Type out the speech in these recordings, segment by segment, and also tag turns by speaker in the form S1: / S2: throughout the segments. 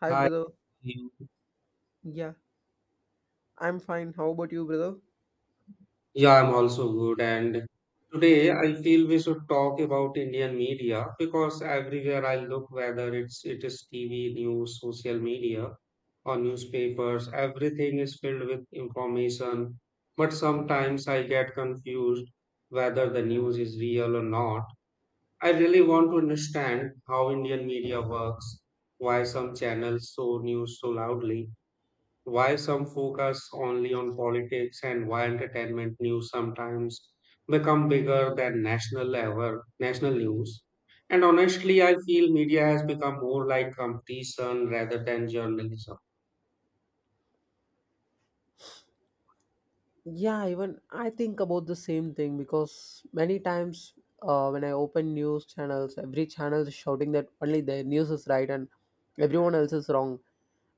S1: Hi,
S2: Hi.
S1: brother. Yeah, I'm fine. How about you, brother?
S2: Yeah, I'm also good. And today I feel we should talk about Indian media because everywhere I look, whether it is TV, news, social media, or newspapers, everything is filled with information. But sometimes I get confused whether the news is real or not. I really want to understand how Indian media works, why some channels show news so loudly. Why some focus only on politics and why entertainment news sometimes become bigger than national level, national news. And honestly, I feel media has become more like competition rather than journalism.
S1: Yeah, even I think about the same thing because many times when I open news channels, every channel is shouting that only their news is right and everyone else is wrong.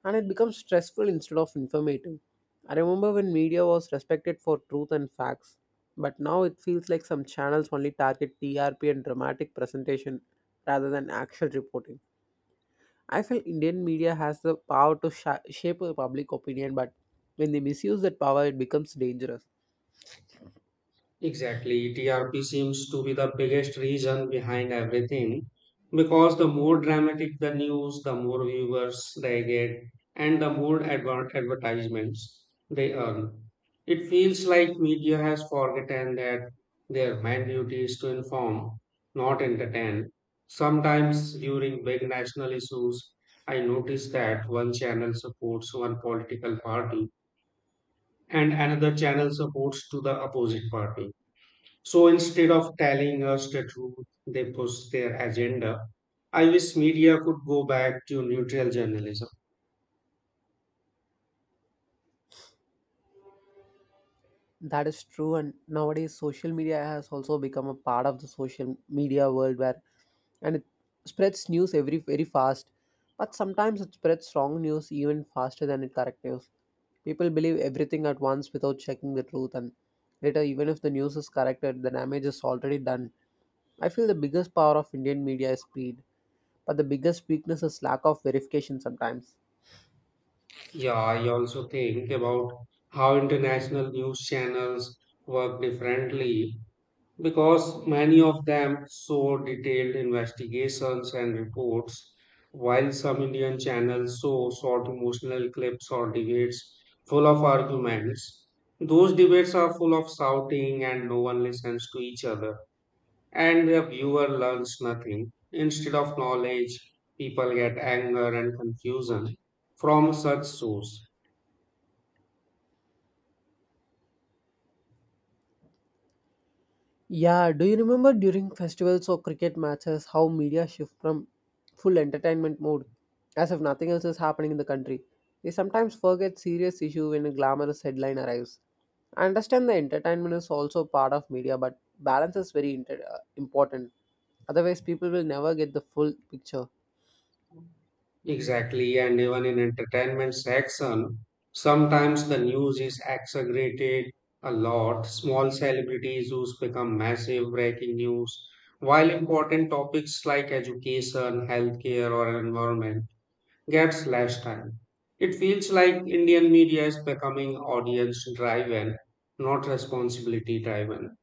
S1: And it becomes stressful instead of informative. I remember when media was respected for truth and facts, but now it feels like some channels only target TRP and dramatic presentation rather than actual reporting. I feel Indian media has the power to shape a public opinion, but when they misuse that power, it becomes dangerous.
S2: Exactly. TRP seems to be the biggest reason behind everything because the more dramatic the news, the more viewers they get, and the more advertisements they earn. It feels like media has forgotten that their main duty is to inform, not entertain. Sometimes during big national issues, I notice that one channel supports one political party and another channel supports to the opposite party, so instead of telling us the truth, they push their agenda. I wish media could go back to neutral journalism.
S1: That is true, and nowadays social media has also become a part of the social media world where and it spreads news every very fast. But sometimes it spreads wrong news even faster than it correct news. People believe everything at once without checking the truth, and later, even if the news is corrected, the damage is already done. I feel the biggest power of Indian media is speed. But the biggest weakness is lack of verification sometimes.
S2: Yeah, I also think about how international news channels work differently because many of them show detailed investigations and reports, while some Indian channels show short emotional clips or debates full of arguments. Those debates are full of shouting and no one listens to each other. And the viewer learns nothing. Instead of knowledge, people get anger and confusion from such source.
S1: Yeah, do you remember during festivals or cricket matches how media shift from full entertainment mode as if nothing else is happening in the country? They sometimes forget serious issue when a glamorous headline arrives. I understand the entertainment is also part of media, but balance is very important. Otherwise, people will never get the full picture.
S2: Exactly, and even in entertainment section, sometimes the news is exaggerated a lot. Small celebrities who's become massive breaking news, while important topics like education, healthcare, or environment gets less time. It feels like Indian media is becoming audience driven, not responsibility driven.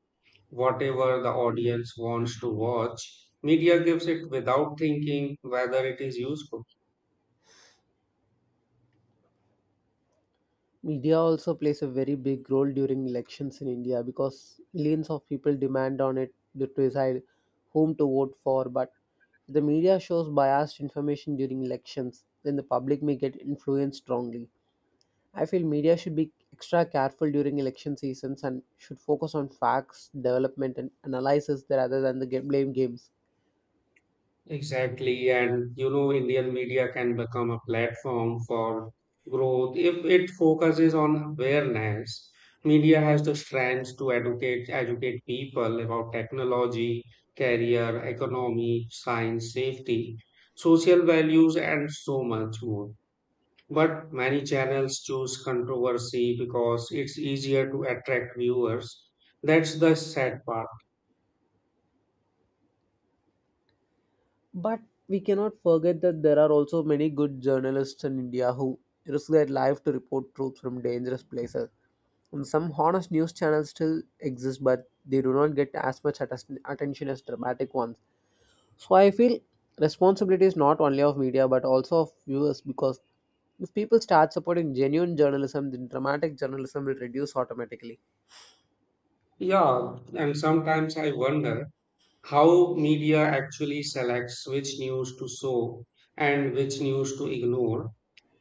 S2: Whatever the audience wants to watch, media gives it without thinking whether it is useful.
S1: Media also plays a very big role during elections in India because millions of people demand on it to decide whom to vote for. But if the media shows biased information during elections, then the public may get influenced strongly. I feel media should be extra careful during election seasons and should focus on facts, development, and analysis rather than the blame games.
S2: Exactly. And you know, Indian media can become a platform for growth if it focuses on awareness. Media has the strength to educate people about technology, career, economy, science, safety, social values, and so much more. But many channels choose controversy because it's easier to attract viewers. That's the sad part.
S1: But we cannot forget that there are also many good journalists in India who risk their life to report truth from dangerous places. Some honest news channels still exist, but they do not get as much attention as dramatic ones. So I feel responsibility is not only of media but also of viewers because if people start supporting genuine journalism, then dramatic journalism will reduce automatically.
S2: Yeah, and sometimes I wonder how media actually selects which news to show and which news to ignore.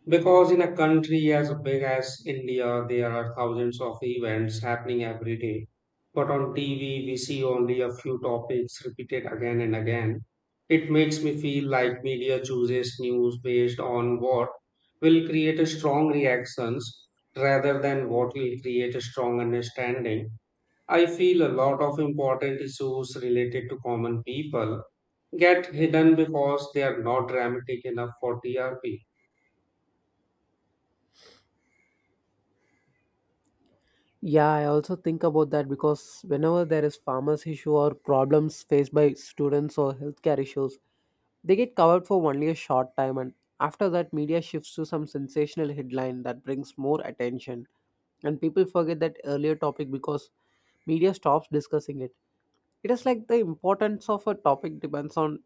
S2: Because in a country as big as India, there are thousands of events happening every day. But on TV, we see only a few topics repeated again and again. It makes me feel like media chooses news based on what will create a strong reactions rather than what will create a strong understanding. I feel a lot of important issues related to common people get hidden because they are not dramatic enough for TRP.
S1: Yeah, I also think about that because whenever there is farmers issue or problems faced by students or healthcare issues, they get covered for only a short time and after that media shifts to some sensational headline that brings more attention and people forget that earlier topic because media stops discussing it. It is like the importance of a topic depends on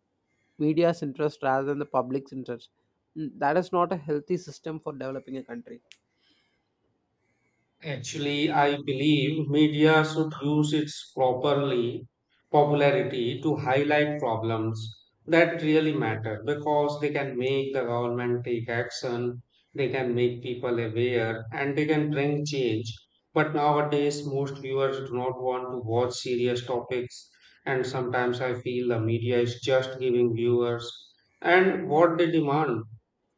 S1: media's interest rather than the public's interest. That is not a healthy system for developing a country.
S2: Actually, I believe media should use its properly popularity to highlight problems that really matter because they can make the government take action, they can make people aware, and they can bring change. But nowadays, most viewers do not want to watch serious topics, and sometimes I feel the media is just giving viewers and what they demand,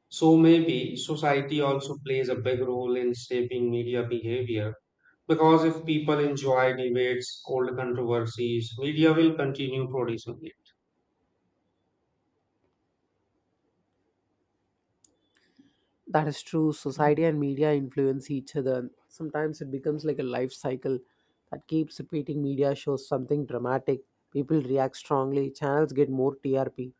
S2: so maybe society also plays a big role in shaping media behavior because if people enjoy debates, old controversies, media will continue producing it.
S1: That is true. Society and media influence each other. Sometimes it becomes like a life cycle that keeps repeating. Media shows something dramatic, people react strongly, channels get more TRP,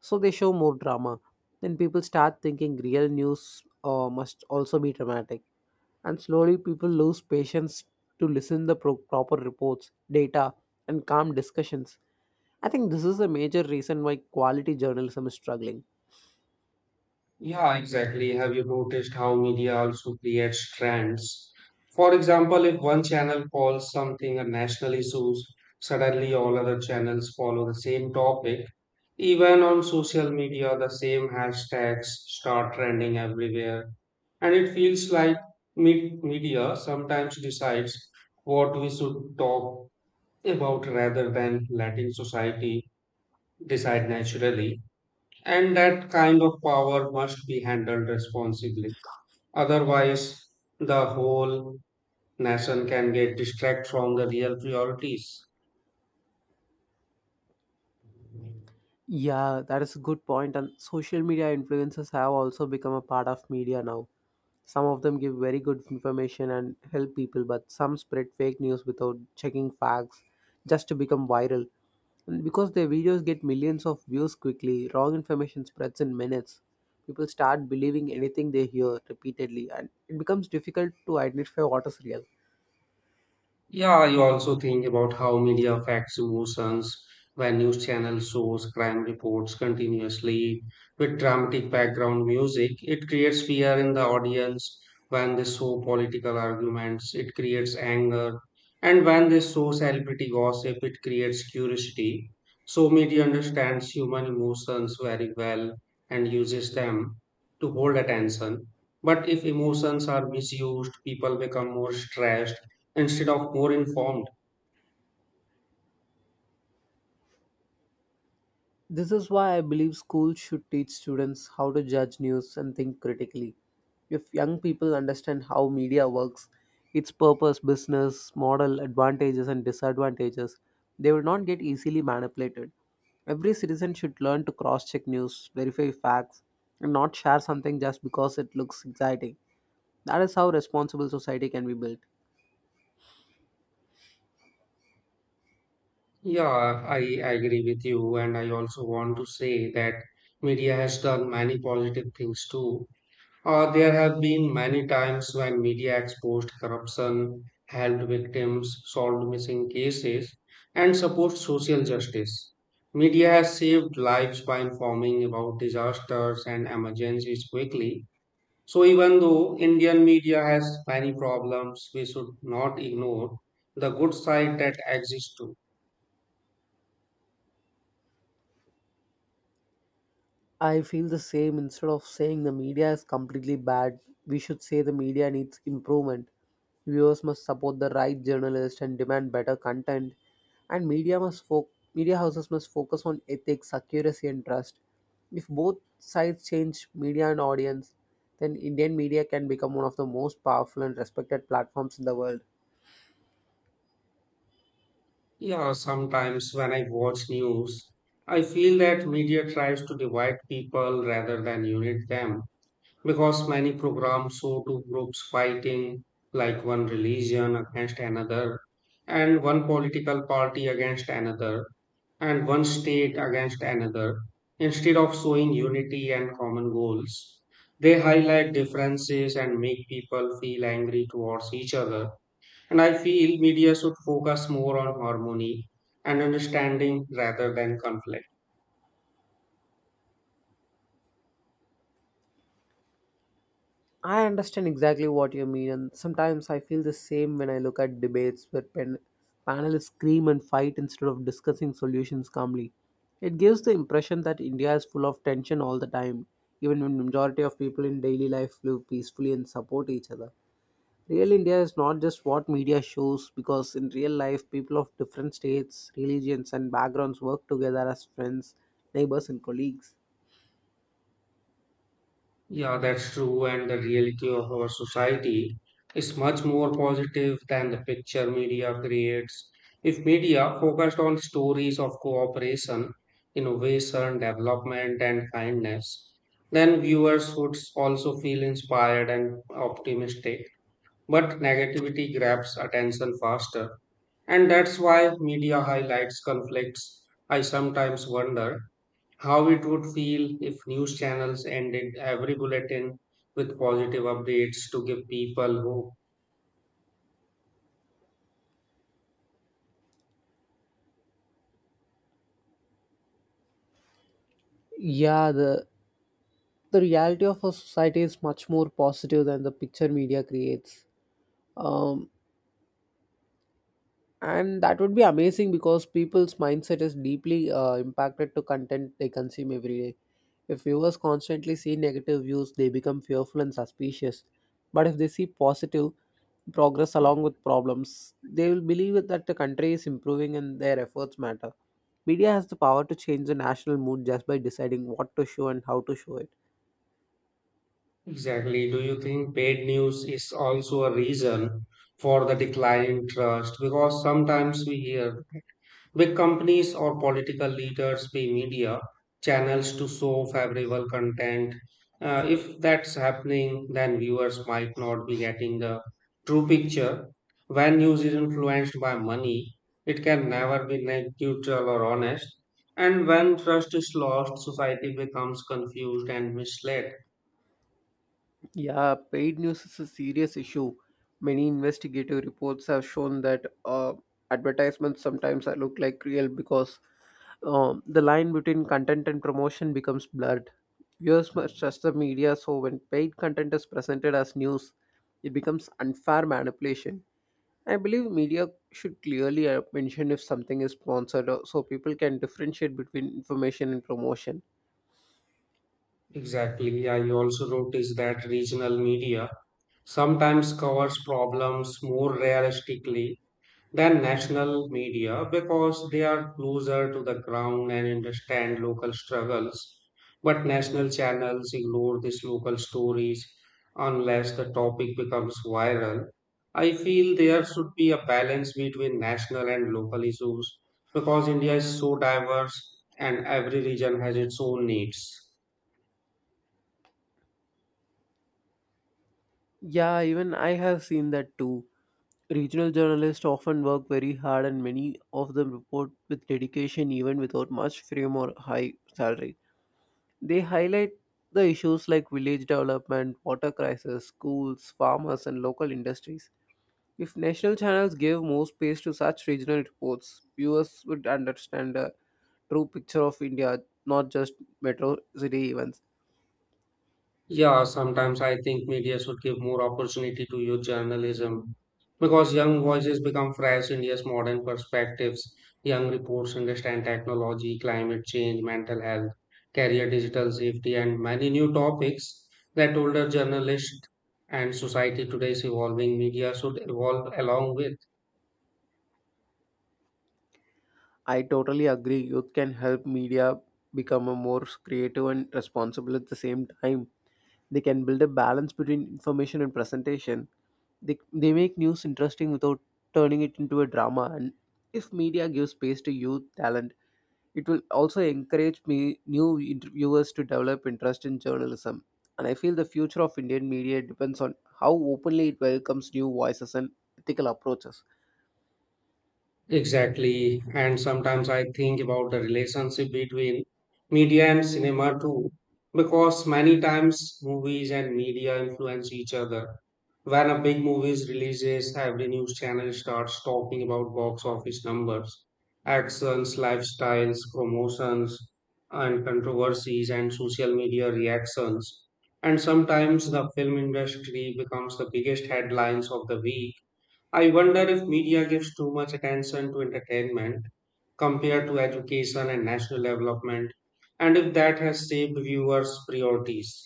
S1: so they show more drama. Then people start thinking real news must also be dramatic, and slowly people lose patience to listen the proper reports, data, and calm discussions. I think this is a major reason why quality journalism is struggling.
S2: Yeah, exactly. Have you noticed how media also creates trends? For example, if one channel calls something a national issue, suddenly all other channels follow the same topic. Even on social media, the same hashtags start trending everywhere. And it feels like media sometimes decides what we should talk about rather than letting society decide naturally. And that kind of power must be handled responsibly. Otherwise, the whole nation can get distracted from the real priorities.
S1: Yeah, that is a good point. And social media influencers have also become a part of media now. Some of them give very good information and help people, but some spread fake news without checking facts just to become viral. And because their videos get millions of views quickly, wrong information spreads in minutes. People start believing anything they hear repeatedly, and it becomes difficult to identify what is real.
S2: Yeah, you also think about how media affects emotions when news channels shows crime reports continuously with dramatic background music. It creates fear in the audience when they show political arguments, it creates anger. And when they show celebrity gossip, it creates curiosity. So media understands human emotions very well and uses them to hold attention. But if emotions are misused, people become more stressed instead of more informed.
S1: This is why I believe schools should teach students how to judge news and think critically. If young people understand how media works, its purpose, business, model, advantages, and disadvantages, they will not get easily manipulated. Every citizen should learn to cross check news, verify facts, and not share something just because it looks exciting. That is how responsible society can be built.
S2: Yeah, I agree with you. And I also want to say that media has done many positive things too. There have been many times when media exposed corruption, helped victims, solved missing cases, and supported social justice. Media has saved lives by informing about disasters and emergencies quickly. So even though Indian media has many problems, we should not ignore the good side that exists too.
S1: I feel the same. Instead of saying the media is completely bad, we should say the media needs improvement. Viewers must support the right journalists and demand better content. And media must media houses must focus on ethics, accuracy, and trust. If both sides change media and audience, then Indian media can become one of the most powerful and respected platforms in the world.
S2: Yeah, sometimes when I watch news, I feel that media tries to divide people rather than unite them because many programs show two groups fighting, like one religion against another and one political party against another, and one state against another. Instead of showing unity and common goals, they highlight differences and make people feel angry towards each other. And I feel media should focus more on harmony and understanding rather than conflict.
S1: I understand exactly what you mean, and sometimes I feel the same when I look at debates where panelists scream and fight instead of discussing solutions calmly. It gives the impression that India is full of tension all the time, even when majority of people in daily life live peacefully and support each other. Real India is not just what media shows, because in real life, people of different states, religions, and backgrounds work together as friends, neighbors, and colleagues.
S2: Yeah, that's true. And the reality of our society is much more positive than the picture media creates. If media focused on stories of cooperation, innovation, development, and kindness, then viewers would also feel inspired and optimistic. But negativity grabs attention faster. And that's why media highlights conflicts. I sometimes wonder how it would feel if news channels ended every bulletin with positive updates to give people hope.
S1: Yeah, the reality of our society is much more positive than the picture media creates. Um, and that would be amazing because people's mindset is deeply impacted to content they consume every day. If viewers constantly see negative views, they become fearful and suspicious. But if they see positive progress along with problems, they will believe that the country is improving and their efforts matter. Media has the power to change the national mood just by deciding what to show and how to show it.
S2: Exactly. Do you think paid news is also a reason for the decline in trust? Because sometimes we hear big companies or political leaders pay media channels to show favorable content. If that's happening, then viewers might not be getting the true picture. When news is influenced by money, it can never be neutral or honest. And when trust is lost, society becomes confused and misled.
S1: Yeah, paid news is a serious issue. Many investigative reports have shown that advertisements sometimes look like real because the line between content and promotion becomes blurred. Viewers must trust the media, so when paid content is presented as news, it becomes unfair manipulation. I believe media should clearly mention if something is sponsored so people can differentiate between information and promotion.
S2: Exactly. I also noticed that regional media sometimes covers problems more realistically than national media because they are closer to the ground and understand local struggles. But national channels ignore these local stories unless the topic becomes viral. I feel there should be a balance between national and local issues because India is so diverse and every region has its own needs.
S1: Yeah, even I have seen that too. Regional journalists often work very hard and many of them report with dedication even without much fame or high salary. They highlight the issues like village development, water crisis, schools, farmers, and local industries. If national channels gave more space to such regional reports, viewers would understand the true picture of India, not just metro city events.
S2: Yeah, sometimes I think media should give more opportunity to youth journalism because young voices become fresh India's modern perspectives. Young reports understand technology, climate change, mental health, career, digital safety, and many new topics that older journalists and society today is evolving. Media should evolve along with.
S1: I totally agree. Youth can help media become a more creative and responsible at the same time. They can build a balance between information and presentation. They make news interesting without turning it into a drama. And if media gives space to youth talent, it will also encourage me new interviewers to develop interest in journalism. And I feel the future of Indian media depends on how openly it welcomes new voices and ethical approaches.
S2: Exactly. And sometimes I think about the relationship between media and cinema too, because many times movies and media influence each other. When a big movie is releases, every news channel starts talking about box office numbers, actions, lifestyles, promotions, and controversies, and social media reactions. And sometimes the film industry becomes the biggest headlines of the week. I wonder if media gives too much attention to entertainment compared to education and national development, and if that has shaped viewers' priorities.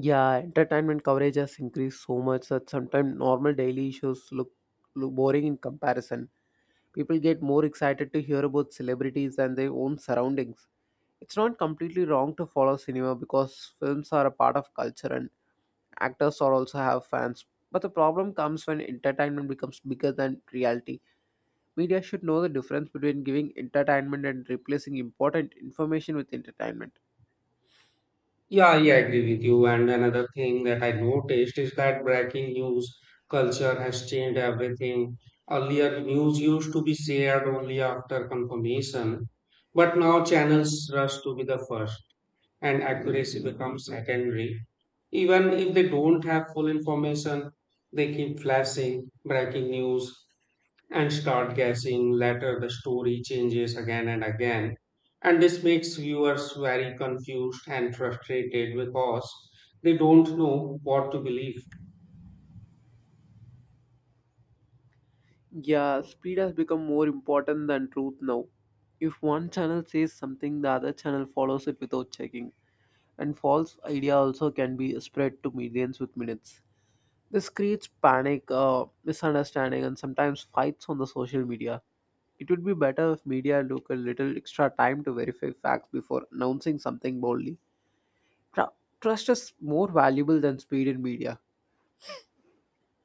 S1: Yeah, entertainment coverage has increased so much that sometimes normal daily issues look boring in comparison. People get more excited to hear about celebrities and their own surroundings. It's not completely wrong to follow cinema because films are a part of culture and actors are also have fans. But the problem comes when entertainment becomes bigger than reality. Media should know the difference between giving entertainment and replacing important information with entertainment.
S2: Yeah, I agree with you. And another thing that I noticed is that breaking news culture has changed everything. Earlier, news used to be shared only after confirmation, but now channels rush to be the first, and accuracy becomes secondary. Even if they don't have full information, they keep flashing breaking news and start guessing. Later, the story changes again and again. And this makes viewers very confused and frustrated because they don't know what to believe.
S1: Yeah, speed has become more important than truth now. If one channel says something, the other channel follows it without checking. And false idea also can be spread to millions with minutes. This creates panic, misunderstanding, and sometimes fights on the social media. It would be better if media took a little extra time to verify facts before announcing something boldly. Tru- Trust is more valuable than speed in media.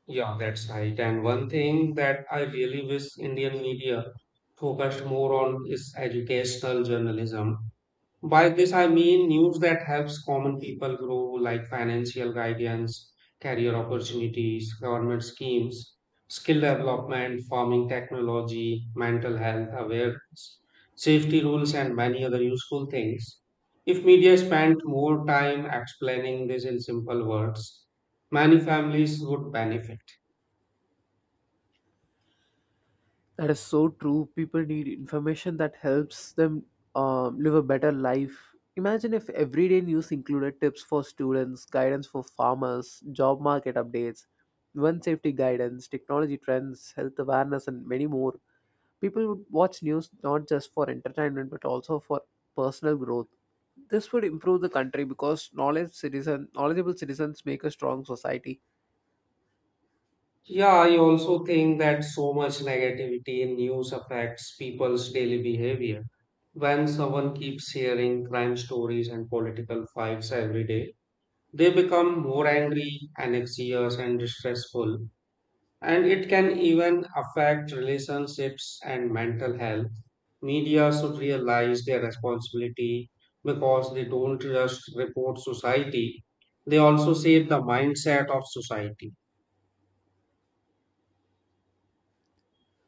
S2: Yeah, that's right. And one thing that I really wish Indian media focused more on is educational journalism. By this, I mean news that helps common people grow, like financial guidance, career opportunities, government schemes, skill development, farming technology, mental health awareness, safety rules, and many other useful things. If media spent more time explaining this in simple words, many families would benefit.
S1: That is so true. People need information that helps them live a better life. Imagine if everyday news included tips for students, guidance for farmers, job market updates, one safety guidance, technology trends, health awareness, and many more. People would watch news not just for entertainment but also for personal growth. This would improve the country because knowledgeable citizens make a strong society.
S2: Yeah, I also think that so much negativity in news affects people's daily behavior. When someone keeps hearing crime stories and political fights every day, they become more angry, anxious, and distressful. And it can even affect relationships and mental health. Media should realize their responsibility because they don't just report society, they also shape the mindset of society.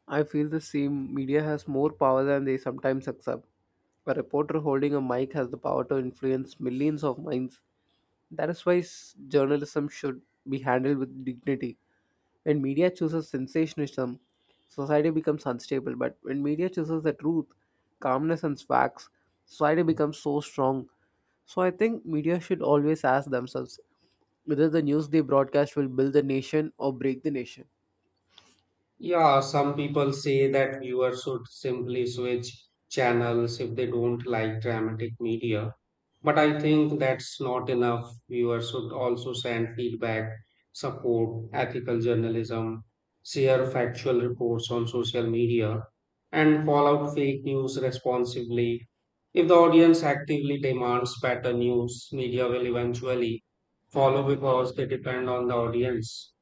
S1: I feel the same. Media has more power than they sometimes accept. A reporter holding a mic has the power to influence millions of minds. That is why journalism should be handled with dignity. When media chooses sensationalism, society becomes unstable. But when media chooses the truth, calmness, and facts, society becomes so strong. So I think media should always ask themselves whether the news they broadcast will build the nation or break the nation.
S2: Yeah, some people say that viewers should simply switch channels if they don't like dramatic media. But I think that's not enough. Viewers should also send feedback, support ethical journalism, share factual reports on social media, and call out fake news responsibly. If the audience actively demands better news, media will eventually follow because they depend on the audience.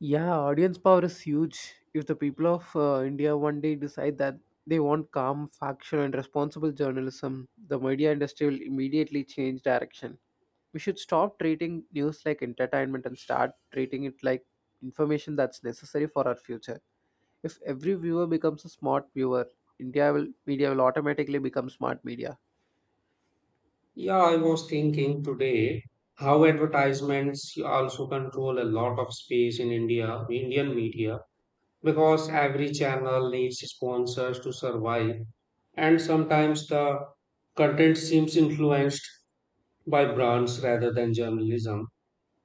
S1: Yeah, audience power is huge. If the people of India one day decide that they want calm, factual, and responsible journalism, the media industry will immediately change direction. We should stop treating news like entertainment and start treating it like information that's necessary for our future. If every viewer becomes a smart viewer, India will media will automatically become smart media.
S2: Yeah, I was thinking today how advertisements also control a lot of space in India, Indian media, because every channel needs sponsors to survive, and sometimes the content seems influenced by brands rather than journalism.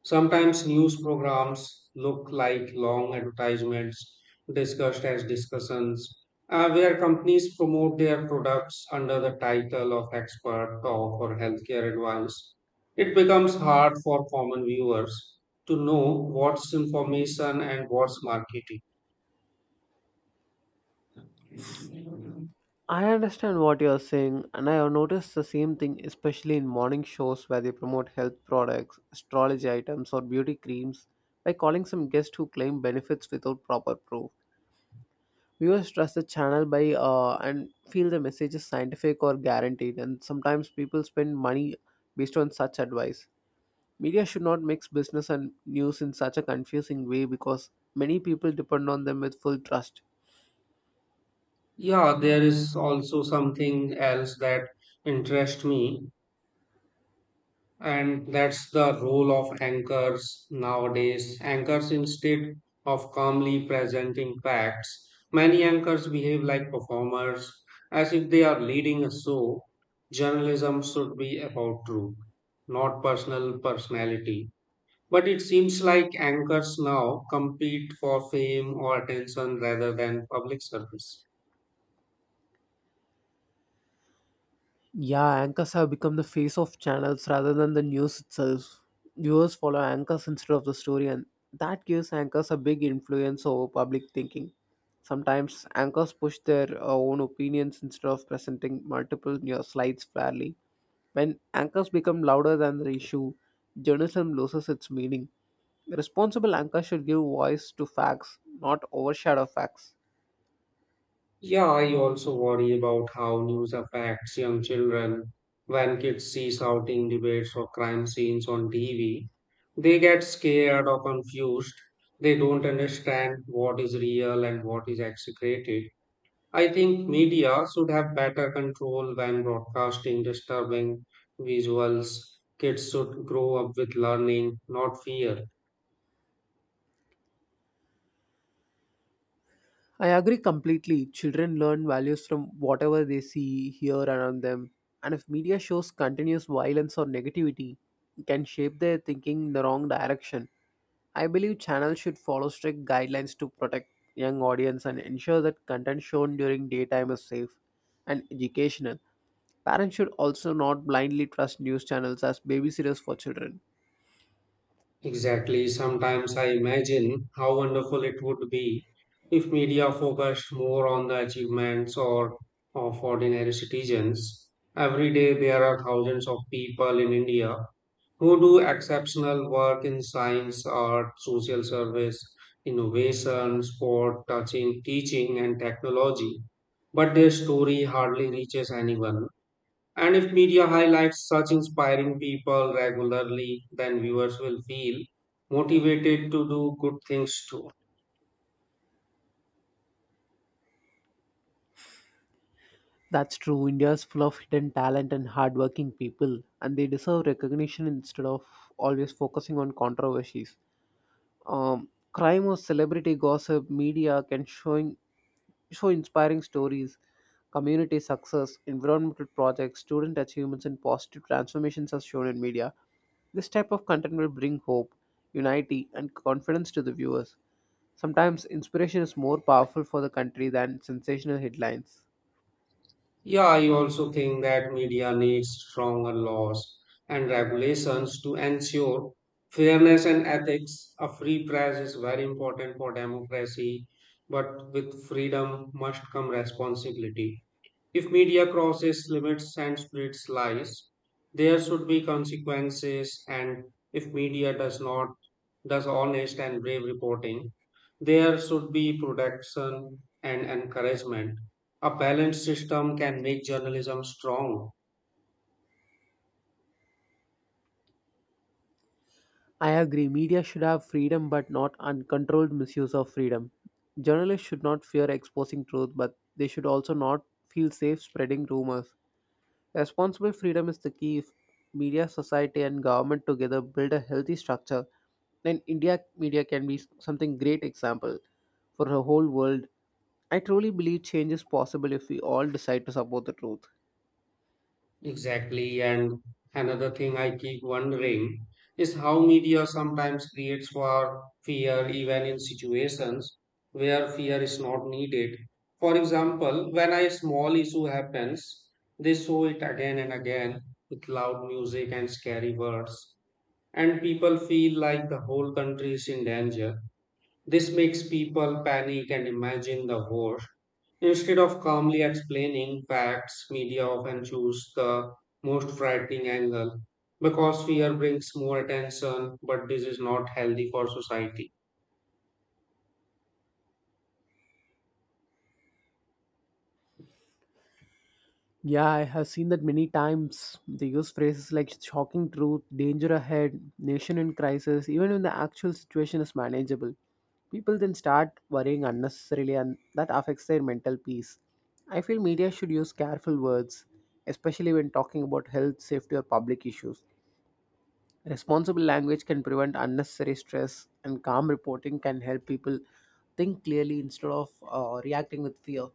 S2: Sometimes news programs look like long advertisements discussed as discussions, where companies promote their products under the title of expert talk or healthcare advice. It becomes hard for common viewers to know what's information and what's marketing.
S1: I understand what you're saying, and I have noticed the same thing, especially in morning shows where they promote health products, astrology items, or beauty creams by calling some guests who claim benefits without proper proof. Viewers trust the channel by and feel the message is scientific or guaranteed, and sometimes people spend money based on such advice. Media should not mix business and news in such a confusing way because many people depend on them with full trust.
S2: Yeah, there is also something else that interests me. And that's the role of anchors nowadays. Anchors, instead of calmly presenting facts, many anchors behave like performers, as if they are leading a show. Journalism should be about truth, not personal personality. But it seems like anchors now compete for fame or attention rather than public service.
S1: Yeah, anchors have become the face of channels rather than the news itself. Viewers follow anchors instead of the story, and that gives anchors a big influence over public thinking. Sometimes anchors push their own opinions instead of presenting multiple news slides fairly. When anchors become louder than the issue, journalism loses its meaning. The responsible anchor should give voice to facts, not overshadow facts.
S2: Yeah, I also worry about how news affects young children. When kids see shouting debates or crime scenes on TV, they get scared or confused. They don't understand what is real and what is exaggerated. I think media should have better control when broadcasting disturbing visuals. Kids should grow up with learning, not fear.
S1: I agree completely. Children learn values from whatever they see, hear around them. And if media shows continuous violence or negativity, it can shape their thinking in the wrong direction. I believe channels should follow strict guidelines to protect young audience and ensure that content shown during daytime is safe and educational. Parents should also not blindly trust news channels as babysitters for children.
S2: Exactly. Sometimes I imagine how wonderful it would be if media focused more on the achievements or of ordinary citizens. Every day there are thousands of people in India who do exceptional work in science, art, social service, innovation, sport, touching, teaching and technology. But their story hardly reaches anyone. And if media highlights such inspiring people regularly, then viewers will feel motivated to do good things too.
S1: That's true. India is full of hidden talent and hardworking people, and they deserve recognition instead of always focusing on controversies. Crime or celebrity gossip, media can showing show inspiring stories, community success, environmental projects, student achievements, and positive transformations are shown in media. This type of content will bring hope, unity, and confidence to the viewers. Sometimes inspiration is more powerful for the country than sensational headlines.
S2: Yeah, I also think that media needs stronger laws and regulations to ensure fairness and ethics. A free press is very important for democracy, but with freedom must come responsibility. If media crosses limits and spreads lies, there should be consequences. And if media does not, does honest and brave reporting, there should be protection and encouragement. A balanced system can make journalism strong.
S1: I agree, media should have freedom but not uncontrolled misuse of freedom. Journalists should not fear exposing truth, but they should also not feel safe spreading rumors. Responsible freedom is the key if media, society, and government together build a healthy structure. Then India media can be something great example for the whole world. I truly believe change is possible if we all decide to support the truth.
S2: Exactly. And another thing I keep wondering is how media sometimes creates for fear even in situations where fear is not needed. For example, when a small issue happens, they show it again and again with loud music and scary words, and people feel like the whole country is in danger. This makes people panic and imagine the worst. Instead of calmly explaining facts, media often choose the most frightening angle because fear brings more attention, but this is not healthy for society.
S1: Yeah, I have seen that many times. They use phrases like shocking truth, danger ahead, nation in crisis, even when the actual situation is manageable. People then start worrying unnecessarily, and that affects their mental peace. I feel media should use careful words, especially when talking about health, safety, or public issues. Responsible language can prevent unnecessary stress, and calm reporting can help people think clearly instead of reacting with fear.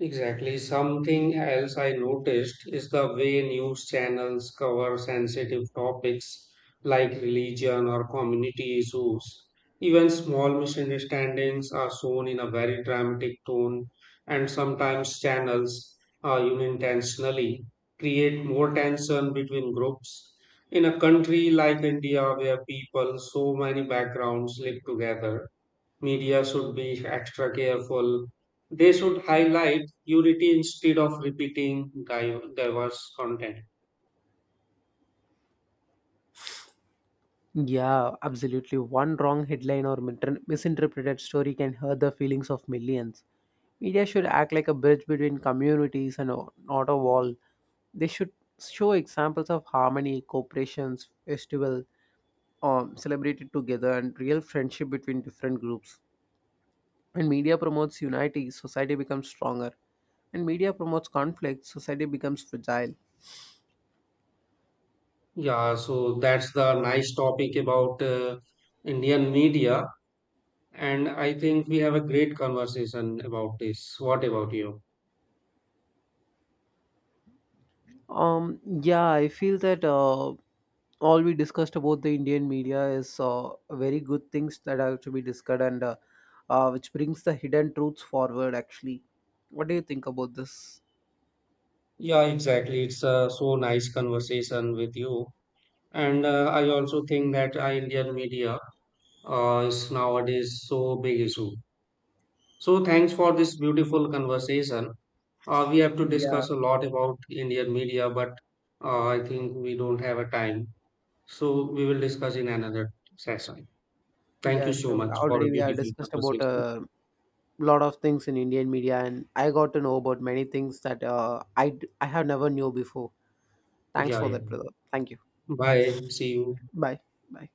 S2: Exactly. Something else I noticed is the way news channels cover sensitive topics like religion or community issues. Even small misunderstandings are shown in a very dramatic tone, and sometimes channels unintentionally create more tension between groups. In a country like India, where people so many backgrounds live together, media should be extra careful. They should highlight purity instead of repeating diverse content.
S1: Yeah, absolutely. One wrong headline or misinterpreted story can hurt the feelings of millions. Media should act like a bridge between communities and not a wall. They should show examples of harmony, cooperations, festival, celebrated together, and real friendship between different groups. When media promotes unity, society becomes stronger. When media promotes conflict, society becomes fragile.
S2: Yeah, so that's the nice topic about Indian media. And I think we have a great conversation about this. What about you?
S1: Yeah, I feel that all we discussed about the Indian media is very good things that have to be discussed and which brings the hidden truths forward, actually. What do you think about this?
S2: Yeah, exactly. It's so nice conversation with you. And I also think that Indian media is nowadays so big issue. So thanks for this beautiful conversation. We have to
S1: Yeah,
S2: discuss a lot about Indian media, but I think we don't have a time. So we will discuss in another session. Thank
S1: yeah,
S2: you so
S1: sure.
S2: much for a
S1: Already we have
S2: beautiful
S1: discussed about
S2: conversation.
S1: a lot of things in Indian media, and I got to know about many things that I have never knew before. Thanks
S2: Yeah,
S1: for
S2: yeah.
S1: that, brother. Thank you.
S2: Bye. See you.
S1: Bye. Bye.